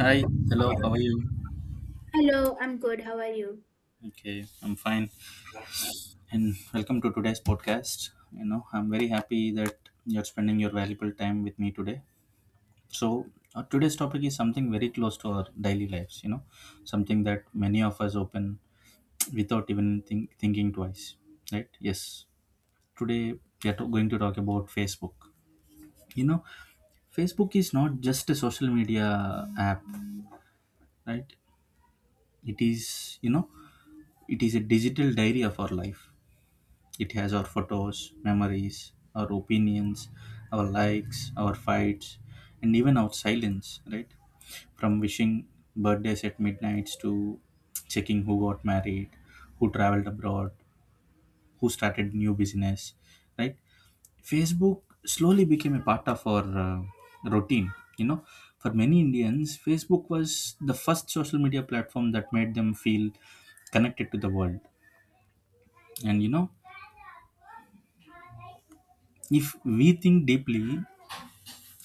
Hi, hello, how are you? Hello, I'm good. How are you? Okay, I'm fine. And welcome to today's podcast. You know, I'm very happy that you're spending your valuable time with me today. So, today's topic is something very close to our daily lives, you know, something that many of us open without even thinking twice, right? Yes. Today, going to talk about Facebook. You know, Facebook is not just a social media app, right? It is, you know, it is a digital diary of our life. It has our photos, memories, our opinions, our likes, our fights, and even our silence, right? From wishing birthdays at midnights to checking who got married, who traveled abroad, who started new business, right? Facebook slowly became a part of our routine, For many Indians, Facebook was the first social media platform that made them feel connected to the world. And you know, if we think deeply,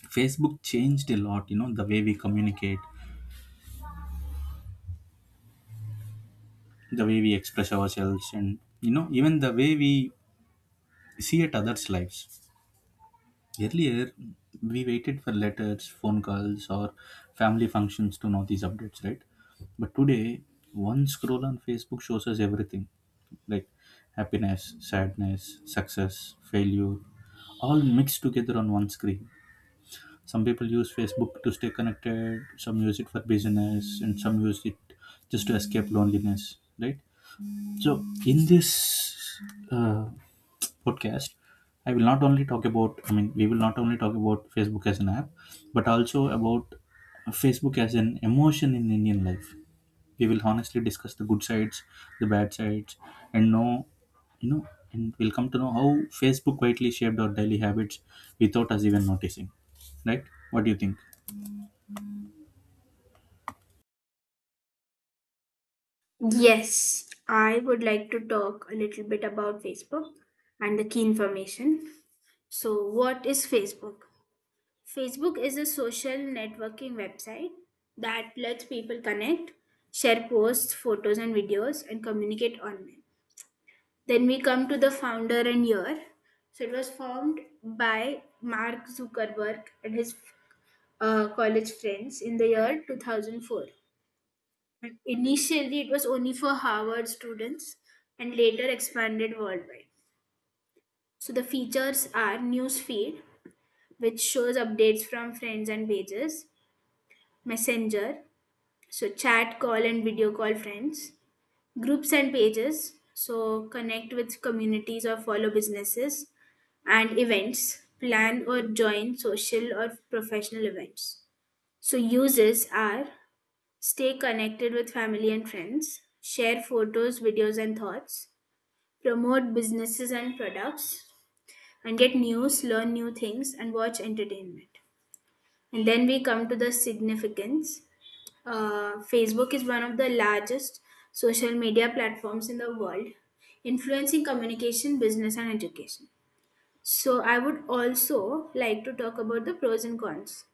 Facebook changed a lot, you know, the way we communicate, the way we express ourselves, and you know, even the way we see at others' lives. Earlier, we waited for letters, phone calls, or family functions to know these updates, right? But today, one scroll on Facebook shows us everything like happiness, sadness, success, failure, all mixed together on one screen. Some people use Facebook to stay connected, some use it for business, and some use it just to escape loneliness, right? So, in this uh, podcast, I mean, we will not only talk about Facebook as an app, but also about Facebook as an emotion in Indian life. We will honestly discuss the good sides, the bad sides, and know, you know, and we'll come to know how Facebook quietly shaped our daily habits without us even noticing, right? What do you think? Yes, I would like to talk a little bit about Facebook and the key information. So, what is Facebook? Facebook is a social networking website that lets people connect, share posts, photos, and videos, and communicate online. Then we come to the founder and year. So, it was formed by Mark Zuckerberg and his college friends in the year 2004. But initially, it was only for Harvard students and later expanded worldwide. So the features are newsfeed, which shows updates from friends and pages; messenger, so chat, call, and video call friends; groups and pages, so connect with communities or follow businesses; and events, plan or join social or professional events. So uses are: stay connected with family and friends. Share photos, videos, and thoughts. Promote businesses and products. And get news, learn new things, and watch entertainment. And then we come to the significance. Facebook is one of the largest social media platforms in the world, influencing communication, business, and education. So, I would also like to talk about the pros and cons.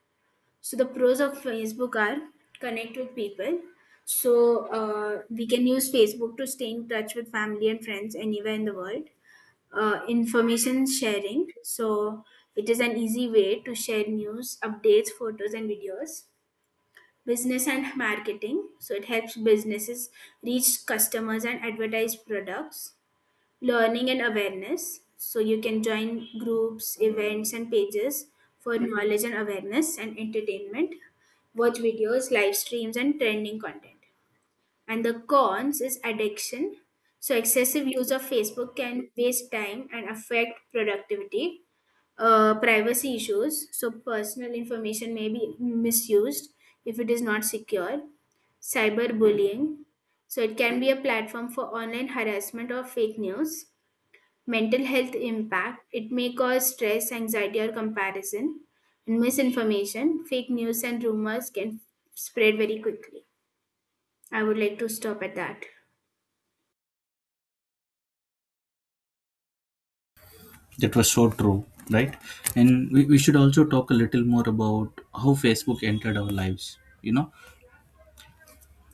So the pros of Facebook are: connect with people. So we can use Facebook to stay in touch with family and friends anywhere in the world. Information sharing. So it is an easy way to share news, updates, photos, and videos. Business and marketing. So it helps businesses reach customers and advertise products. Learning and awareness. So you can join groups, events, and pages for knowledge and awareness. And entertainment. Watch videos, live streams, and trending content. And the cons is addiction. So excessive use of Facebook can waste time and affect productivity. Privacy issues. So personal information may be misused if it is not secure. Cyberbullying. So it can be a platform for online harassment or fake news. Mental health impact, it may cause stress, anxiety, or comparison. And misinformation, fake news and rumors can spread very quickly. I would like to stop at that. That was so true, right? And we should also talk a little more about how Facebook entered our lives. You know,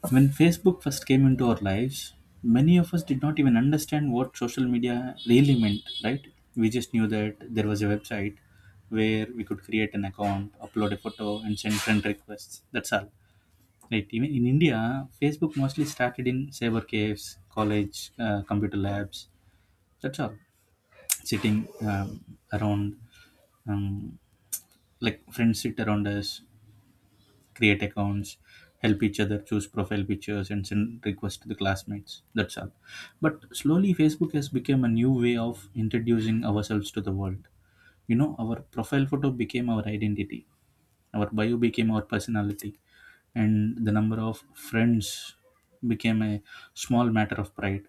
when Facebook first came into our lives, many of us did not even understand what social media really meant, right? We just knew that there was a website where we could create an account, upload a photo, and send friend requests. That's all. Right. Even in India, Facebook mostly started in cyber caves, college, computer labs. That's all. Sitting around um, like friends sit around us, create accounts, help each other choose profile pictures and send requests to the classmates. That's all. But slowly Facebook has become a new way of introducing ourselves to the world. You know, our profile photo became our identity, our bio became our personality, and the number of friends became a small matter of pride.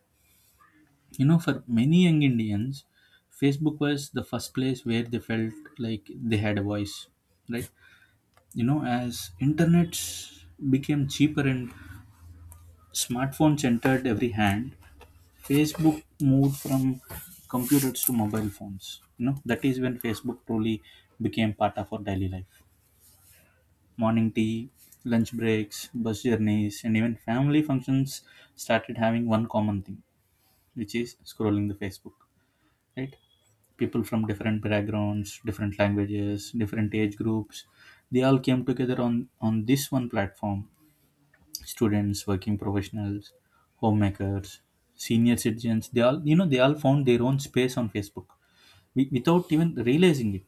You know, for many young Indians, Facebook was the first place where they felt like they had a voice, right? You know, as internets became cheaper and smartphones entered every hand, Facebook moved from computers to mobile phones. You know, that is when Facebook truly became part of our daily life. Morning tea, lunch breaks, bus journeys, and even family functions started having one common thing, which is scrolling the Facebook, right? People from different backgrounds, different languages, different age groups, they all came together on this one platform. Students, working professionals, homemakers, senior citizens, they all, you know, they all found their own space on Facebook. We, without even realizing it.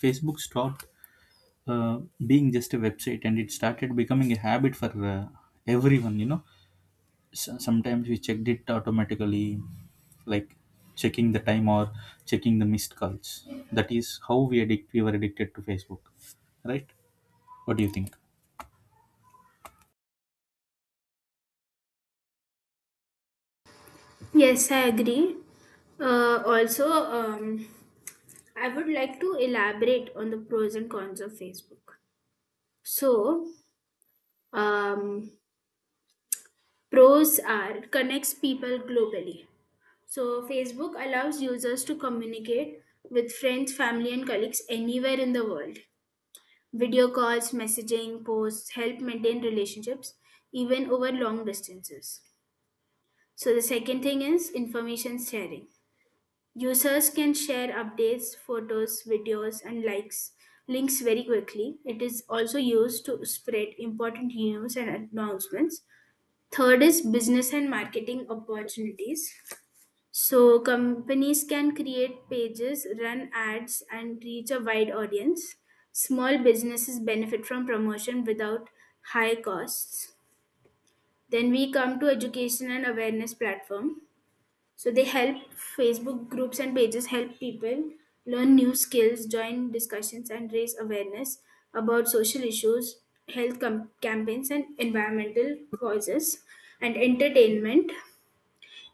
Facebook stopped uh, being just a website and it started becoming a habit for everyone, you know. Sometimes we checked it automatically, like checking the time or checking the missed calls. That is how we were addicted to Facebook, right? What do you think? Yes, I agree. Also, I would like to elaborate on the pros and cons of Facebook. So um, pros are: it connects people globally. So Facebook allows users to communicate with friends, family, and colleagues anywhere in the world. Video calls, messaging, posts help maintain relationships even over long distances. So, the second thing is information sharing. Users can share updates, photos, videos, and likes links very quickly. It is also used to spread important news and announcements. Third is business and marketing opportunities. So companies can create pages, run ads, and reach a wide audience. Small businesses benefit from promotion without high costs. Then we come to education and awareness platform. So they help Facebook groups and pages help people learn new skills, join discussions, and raise awareness about social issues, campaigns, and environmental causes. And entertainment.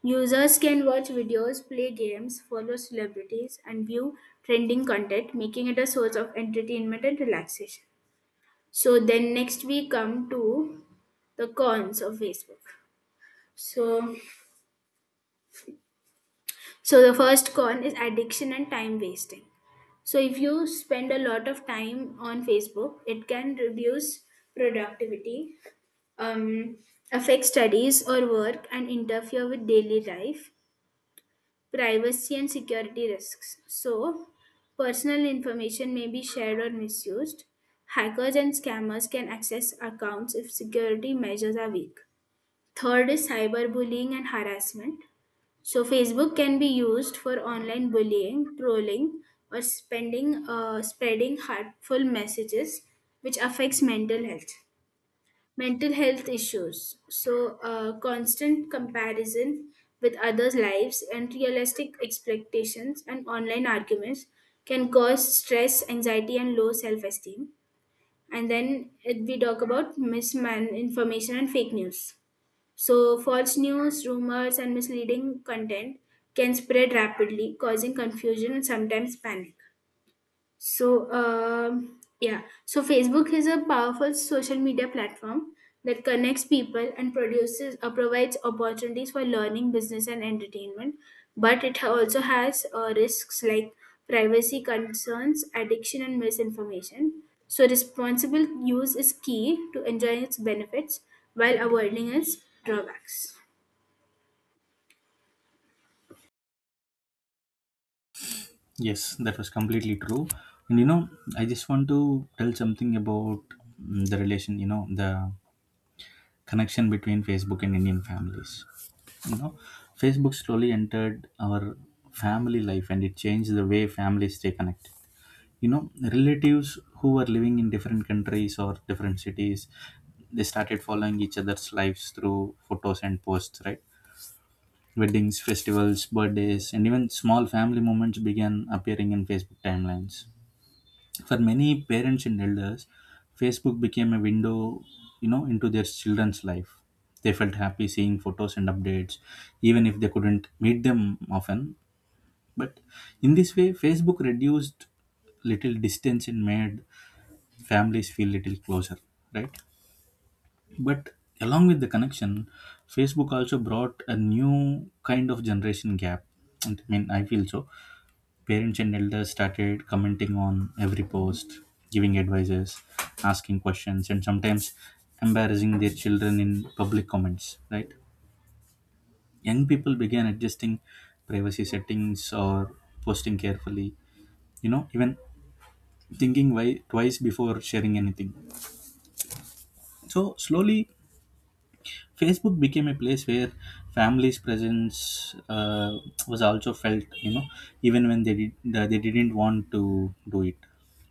Users can watch videos, play games, follow celebrities, and view trending content, making it a source of entertainment and relaxation. So, then next we come to the cons of Facebook. So, so, the first con is addiction and time wasting. So, if you spend a lot of time on Facebook, it can reduce productivity, um, affect studies or work, and interfere with daily life. Privacy and security risks. So, personal information may be shared or misused. Hackers and scammers can access accounts if security measures are weak. Third is cyberbullying and harassment. So, Facebook can be used for online bullying, trolling, or spreading hurtful messages, which affects mental health. Issues. So, constant comparison with others' lives, unrealistic expectations, and online arguments can cause stress, anxiety, and low self esteem. And then we talk about misman information and fake news. So, false news, rumors, and misleading content can spread rapidly, causing confusion and sometimes panic. So, so Facebook is a powerful social media platform that connects people and produces provides opportunities for learning, business, and entertainment. But it also has risks like privacy concerns, addiction, and misinformation. So, responsible use is key to enjoy its benefits while avoiding its drawbacks. Yes, that was completely true. And you know, I just want to tell something about the relation, you know, the connection between Facebook and Indian families. You know, Facebook slowly entered our family life and it changed the way families stay connected. You know, relatives who were living in different countries or different cities, they started following each other's lives through photos and posts, right? Weddings, festivals, birthdays, and even small family moments began appearing in Facebook timelines. For many parents and elders, Facebook became a window, you know, into their children's life. They felt happy seeing photos and updates, even if they couldn't meet them often. But in this way, Facebook reduced little distance and made families feel little closer, right? But along with the connection, Facebook also brought a new kind of generation gap. And I mean, I feel so. Parents and elders started commenting on every post, giving advices, asking questions, and sometimes embarrassing their children in public comments, right? Young people began adjusting privacy settings or posting carefully, you know, even thinking why, twice before sharing anything. So, slowly, Facebook became a place where families' presence was also felt, you know, even when they didn't want to do it.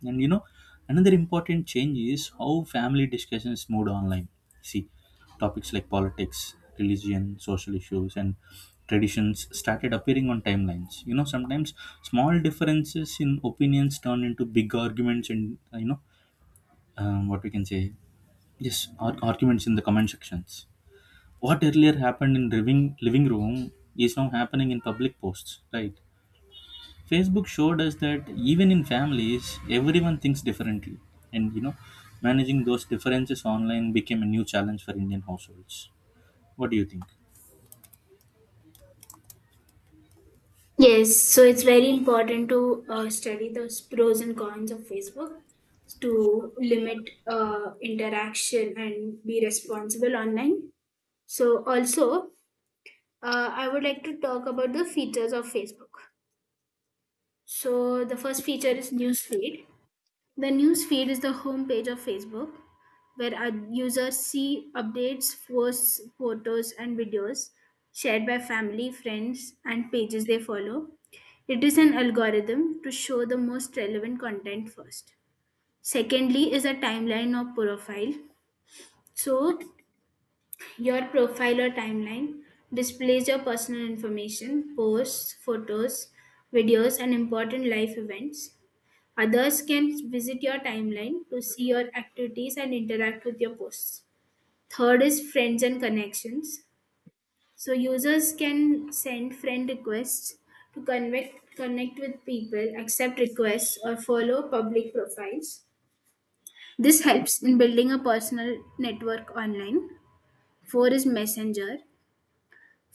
And you know, another important change is how family discussions moved online. See, topics like politics, religion, social issues, and traditions started appearing on timelines. You know, sometimes small differences in opinions turned into big arguments, and you know, what we can say, yes, arguments in the comment sections, what earlier happened in living room is now happening in public posts, right? Facebook showed us that even in families, everyone thinks differently. And, you know, managing those differences online became a new challenge for Indian households. What do you think? Yes, so it's very important to study those pros and cons of Facebook to limit interaction and be responsible online. So, also, I would like to talk about the features of Facebook. So, the first feature is newsfeed. The news feed is the homepage of Facebook, where our users see updates, posts, photos, and videos shared by family, friends, and pages they follow. It is an algorithm to show the most relevant content first. Secondly, is a timeline or profile. So, your profile or timeline displays your personal information, posts, photos, videos, and important life events. Others can visit your timeline to see your activities and interact with your posts. Third is friends and connections. So users can send friend requests to connect with people, accept requests, or follow public profiles. This helps in building a personal network online. Four is Messenger.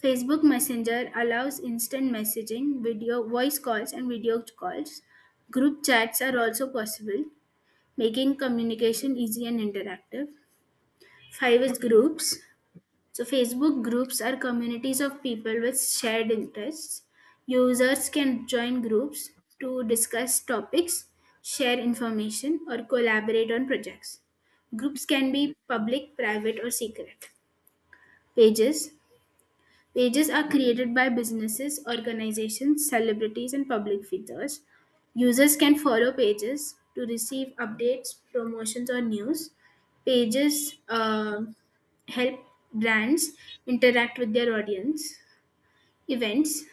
Facebook Messenger allows instant messaging, video, voice calls, and video calls. Group chats are also possible, making communication easy and interactive. Five is groups. So, Facebook groups are communities of people with shared interests. Users can join groups to discuss topics, share information, or collaborate on projects. Groups can be public, private, or secret. Pages. Pages are created by businesses, organizations, celebrities, and public figures. Users can follow pages to receive updates, promotions, or news. Pages help brands interact with their audience. Events: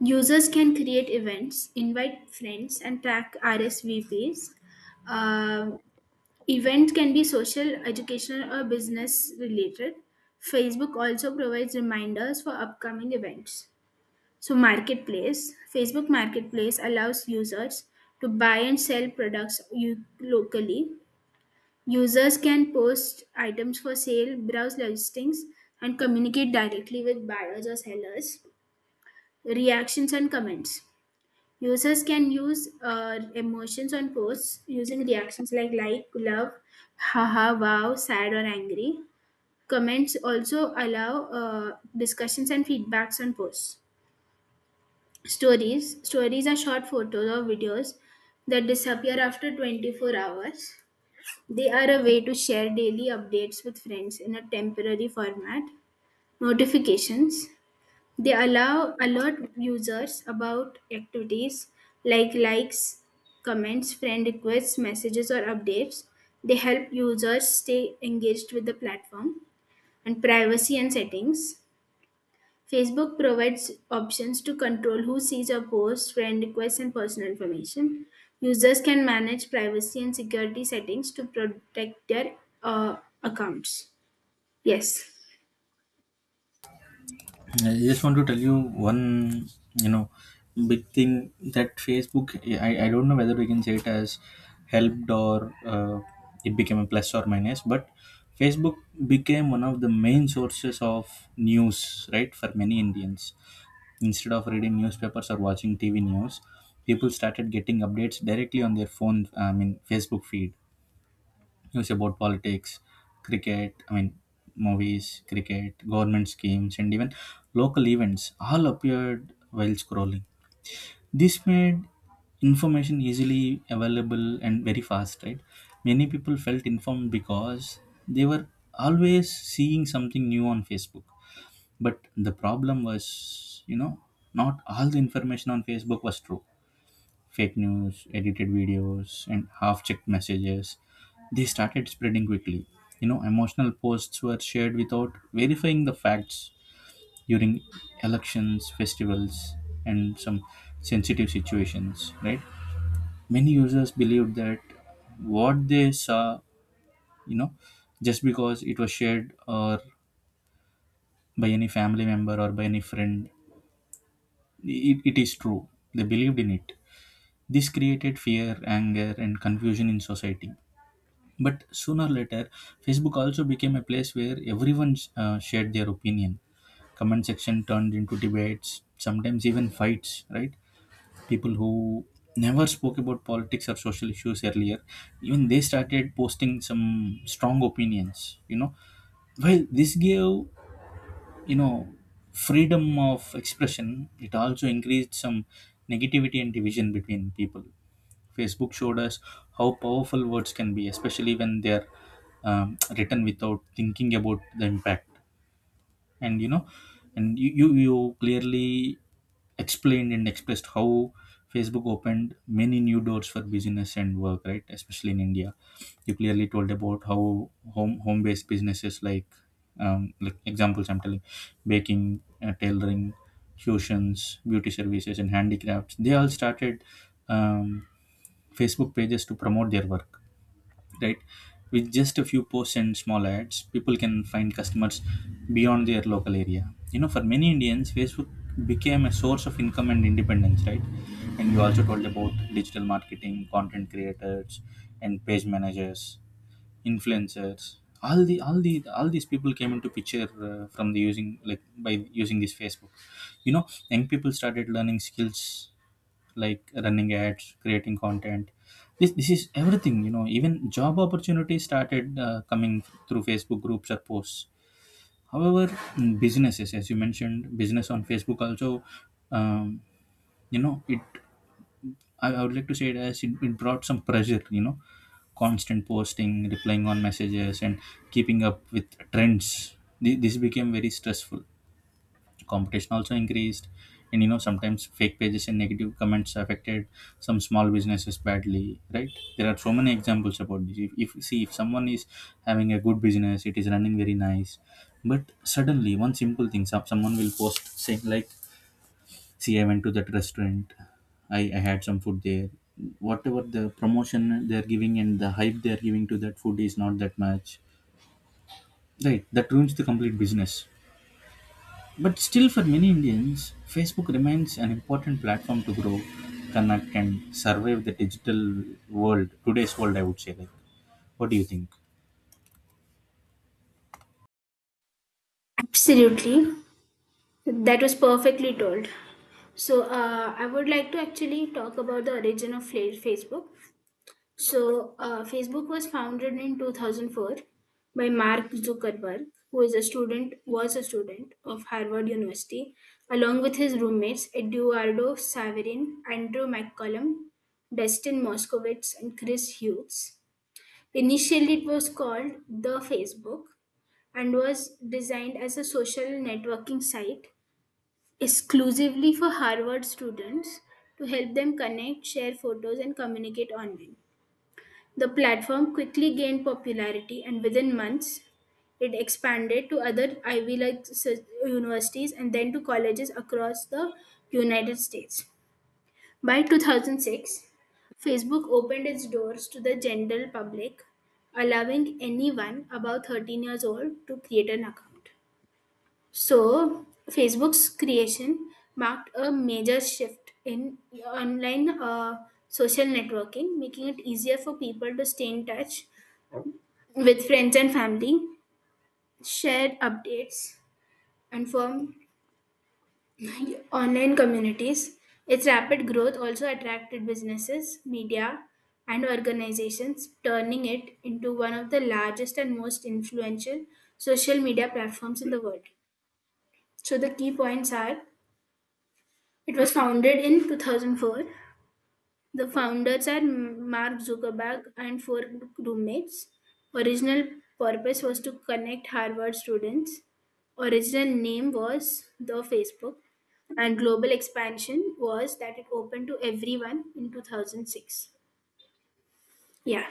users can create events, invite friends, and track RSVPs. Um, Events can be social, educational, or business related. Facebook also provides reminders for upcoming events. So, marketplace: Facebook Marketplace allows users to buy and sell products locally. Users can post items for sale, browse listings, and communicate directly with buyers or sellers. Reactions and comments. Users can use emotions on posts using reactions like, love, haha, wow, sad, or angry. Comments also allow discussions and feedbacks on posts. Stories. Stories are short photos or videos that disappear after 24 hours. They are a way to share daily updates with friends in a temporary format. Notifications. They allow alert users about activities like likes, comments, friend requests, messages, or updates. They help users stay engaged with the platform. And privacy and settings. Facebook provides options to control who sees your posts, friend requests, and personal information. Users can manage privacy and security settings to protect their uh, accounts. Yes, I just want to tell you one, you know, big thing that Facebook, I don't know whether we can say it as helped or it became a plus or minus, but Facebook became one of the main sources of news, right, for many Indians. Instead of reading newspapers or watching TV news, people started getting updates directly on their phone, I mean, Facebook feed. News about politics, cricket, I mean, movies, cricket, government schemes, and even local events all appeared while scrolling. This made information easily available and very fast, right? Many people felt informed because they were always seeing something new on Facebook. But the problem was, you know, not all the information on Facebook was true. Fake news, edited videos, and half checked messages, they started spreading quickly. You know, emotional posts were shared without verifying the facts during elections, festivals, and some sensitive situations, right? Many users believed that what they saw, you know, just because it was shared or by any family member or by any friend, it is true. They believed in it. This created fear, anger, and confusion in society. But sooner or later, Facebook also became a place where everyone shared their opinion. Comment section turned into debates, sometimes even fights, right? People who never spoke about politics or social issues earlier, even they started posting some strong opinions, you know. Well, this gave, you know, freedom of expression. It also increased some negativity and division between people. Facebook showed us how powerful words can be, especially when they are written without thinking about the impact. And you know, and you clearly explained and expressed how Facebook opened many new doors for business and work, right? Especially in India, you clearly told about how home based businesses like examples I'm telling, baking, tailoring, tuitions, beauty services, and handicrafts, they all started um, Facebook pages to promote their work, right? With just a few posts and small ads, people can find customers beyond their local area. You know, for many Indians, Facebook became a source of income and independence, right? And you also told about digital marketing, content creators, and page managers, influencers. All these people came into picture from the using like by using this Facebook. You know, young people started learning skills like running ads, creating content. This is everything, you know. Even job opportunities started coming through Facebook groups or posts. However, businesses, as you mentioned, business on Facebook also, um, you know, it I would like to say it as it brought some pressure, you know. Constant posting, replying on messages, and keeping up with trends. This became very stressful. Competition also increased. And you know, sometimes fake pages and negative comments affected some small businesses badly, right? There are so many examples about this. If see, if someone is having a good business, it is running very nice, but suddenly one simple thing, someone will post saying like, see, I went to that restaurant, I had some food there, whatever the promotion they're giving and the hype they're giving to that food is not that much, right? That ruins the complete business. But still, for many Indians, Facebook remains an important platform to grow, connect, and survive the digital world, today's world, I would say. Like, what do you think? absolutely. That was perfectly told. So, I would like to actually talk about the origin of Facebook. So, Facebook was founded in 2004 by Mark Zuckerberg, who is a student, was a student of Harvard University, along with his roommates Eduardo Saverin, Andrew McCollum, Dustin Moskovitz, and Chris Hughes. Initially, it was called The Facebook and was designed as a social networking site exclusively for Harvard students to help them connect, share photos, and communicate online. The platform quickly gained popularity, and within months it expanded to other Ivy League universities and then to colleges across the United States. By 2006, Facebook opened its doors to the general public, allowing anyone above 13 years old to create an account. So, Facebook's creation marked a major shift in online social networking, making it easier for people to stay in touch with friends and family, share updates, and form online communities. Its rapid growth also attracted businesses, media, and organizations, turning it into one of the largest and most influential social media platforms in the world. So, the key points are: it was founded in 2004. The founders are Mark Zuckerberg and four roommates. Original purpose was to connect Harvard students. Original name was The Facebook, and global expansion was that it opened to everyone in 2006. Yeah,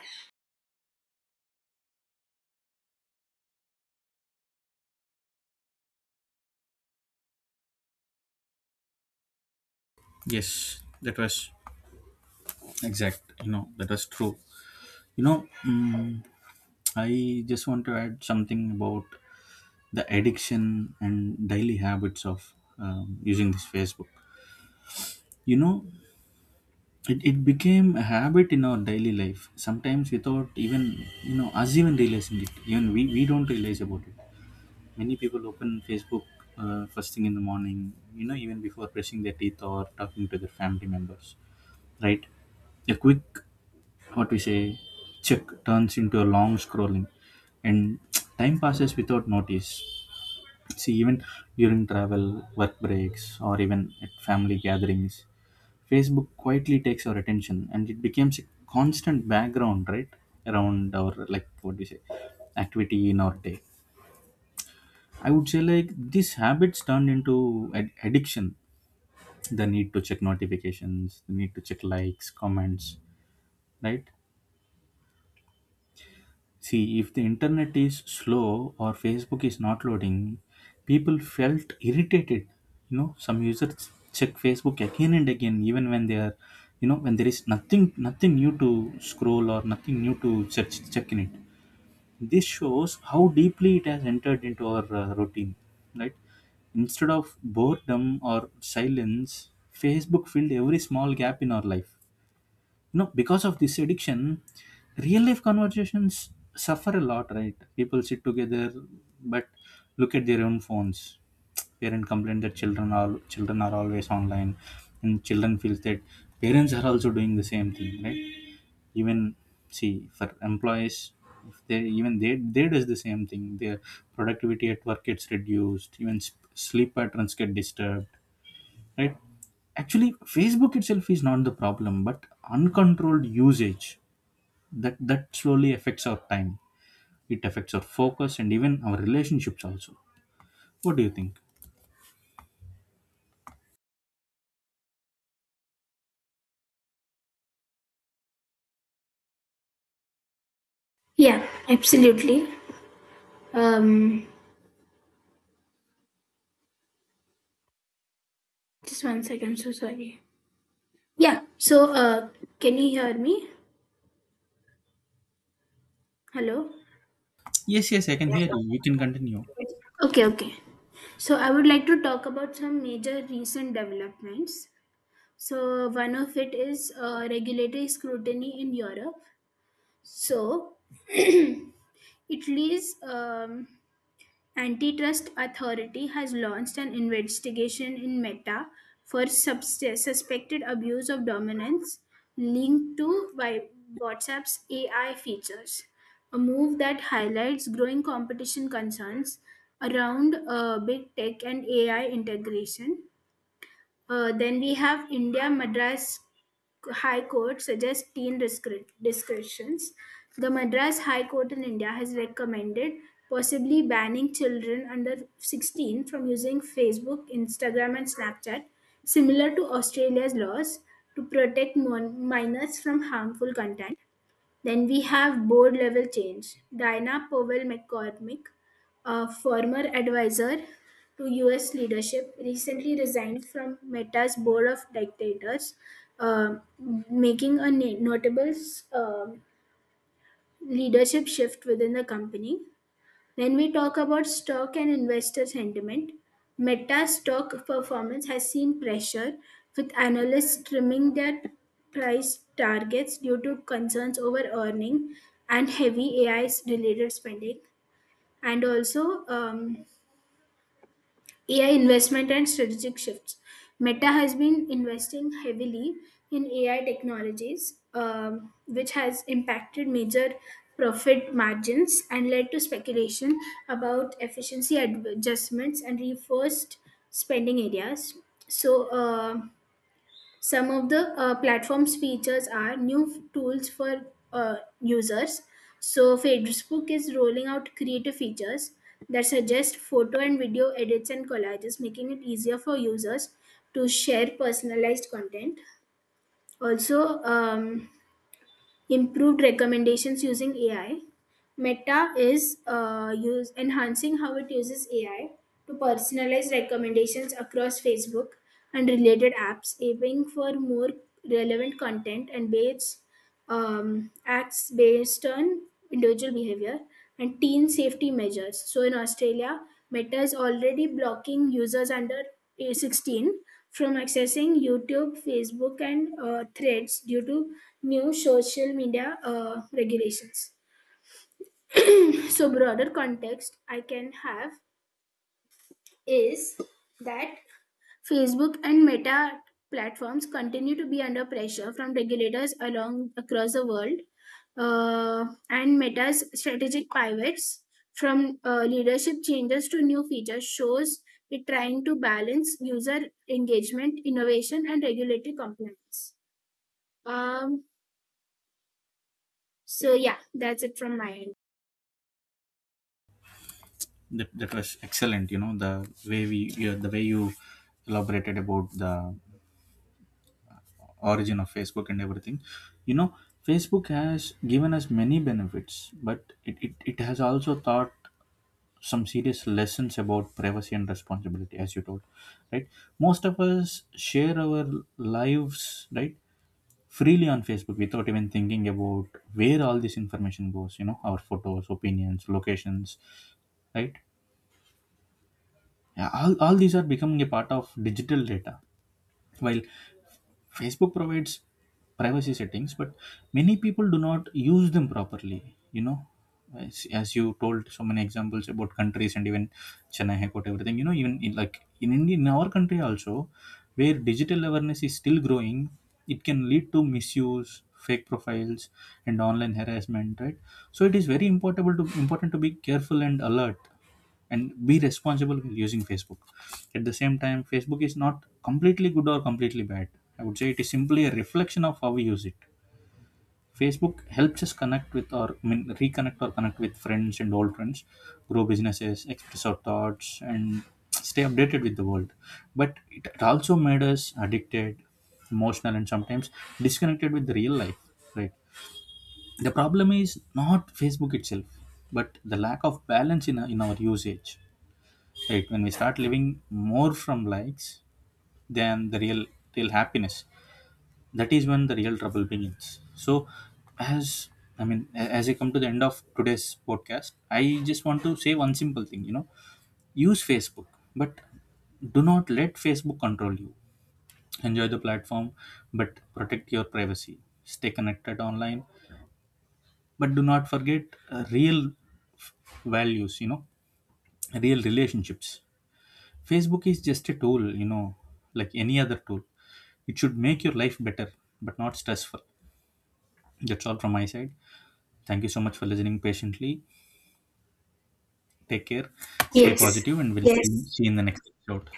Yes, that was exact. You know, that was true. You know, I just want to add something about the addiction and daily habits of using this Facebook. You know, it became a habit in our daily life, sometimes without even, you know, us even realizing it. Even we don't realize about it. Many people open Facebook first thing in the morning, you know, even before brushing their teeth or talking to their family members, right? A quick, what we say, check turns into a long scrolling and time passes without notice. See, even during travel, work breaks, or even at family gatherings, Facebook quietly takes our attention and it becomes a constant background, right? Around our, like, what do you say, activity in our day. I would say like these habits turned into addiction. The need to check notifications, the need to check likes, comments, right? See, if the internet is slow or Facebook is not loading, people felt irritated. You know, some users check Facebook again and again, even when they are, you know, when there is nothing new to scroll or nothing new to search, check in it. This shows how deeply it has entered into our routine, right? Instead of boredom or silence, Facebook filled every small gap in our life. You know, because of this addiction, real life conversations suffer a lot, right? People sit together but look at their own phones. Parents complain that children are always online, and children feels that parents are also doing the same thing, right? Even, see, for employees, if they does the same thing, their productivity at work gets reduced. Even sleep patterns get disturbed, right? Actually, Facebook itself is not the problem, but uncontrolled usage, that slowly affects our time. It affects our focus and even our relationships also. What do you think? yeah, absolutely. Um, just one second. I'm so sorry. Yeah. So, can you hear me? Hello. Yes, yes, I can hear you. You can continue. Okay, okay. So I would like to talk about some major recent developments. So one of it is regulatory scrutiny in Europe. So Italy's antitrust authority has launched an investigation in Meta for suspected abuse of dominance linked to by WhatsApp's AI features, a move that highlights growing competition concerns around big tech and AI integration. Then we have India Madras High Court suggests teen discretions. The Madras High Court in India has recommended possibly banning children under 16 from using Facebook, Instagram, and Snapchat, similar to Australia's laws to protect minors from harmful content. Then we have board level change. Diana Powell McCormick, a former advisor to US leadership, recently resigned from Meta's board of directors, uh, making a notable uh, leadership shift within the company. When we talk about stock and investor sentiment, Meta stock performance has seen pressure, with analysts trimming their price targets due to concerns over earning and heavy AI related spending, and also AI investment and strategic shifts. Meta has been investing heavily in AI technologies, which has impacted major profit margins and led to speculation about efficiency adjustments and reinforced spending areas. So, some of the platform's features are new tools for users. So, Facebook is rolling out creative features that suggest photo and video edits and collages, making it easier for users to share personalized content. Also, improved recommendations using AI. Meta is enhancing how it uses AI to personalize recommendations across Facebook and related apps, aiming for more relevant content and based acts based on individual behavior and teen safety measures. So in Australia, Meta is already blocking users under age 16 from accessing YouTube, Facebook, and threads due to new social media regulations. So, broader context I can have is that Facebook and Meta platforms continue to be under pressure from regulators along across the world, and Meta's strategic pivots from leadership changes to new features shows it trying to balance user engagement, innovation, and regulatory compliance. Um, so yeah, that's it from my end. That was excellent. You know, the way we, yeah, the way you elaborated about the origin of Facebook and everything, you know, Facebook has given us many benefits, but it has also taught some serious lessons about privacy and responsibility, as you told, right? Most of us share our lives, right, freely on Facebook without even thinking about where all this information goes. You know, our photos, opinions, locations, right? Yeah, all these are becoming a part of digital data. While Facebook provides privacy settings, but many people do not use them properly. You know, as you told so many examples about countries and even Chennai High Court, everything. You know, even in, like in India, in our country also, where digital awareness is still growing, it can lead to misuse, fake profiles, and online harassment. Right. So it is very important to be careful and alert and be responsible when using Facebook. At the same time, Facebook is not completely good or completely bad. I would say it is simply a reflection of how we use it. Facebook helps us connect with, or I mean, reconnect or connect with friends and old friends, grow businesses, express our thoughts, and stay updated with the world, but it also made us addicted, emotional, and sometimes disconnected with the real life, right? The problem is not Facebook itself, but the lack of balance in, our usage. Right, when we start living more from likes than the real happiness, that is when the real trouble begins. So, as I mean, as I come to the end of today's podcast, I just want to say one simple thing. You know, use Facebook, but do not let Facebook control you. Enjoy the platform, but protect your privacy. Stay connected online, but do not forget real f- values. You know, real relationships. Facebook is just a tool, you know, like any other tool. It should make your life better, but not stressful. That's all from my side. Thank you so much for listening patiently. Take care, stay Yes, positive, and we'll yes. see you in the next episode.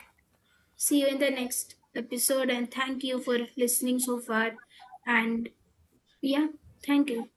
See you in the next episode, and thank you for listening so far. And yeah, thank you.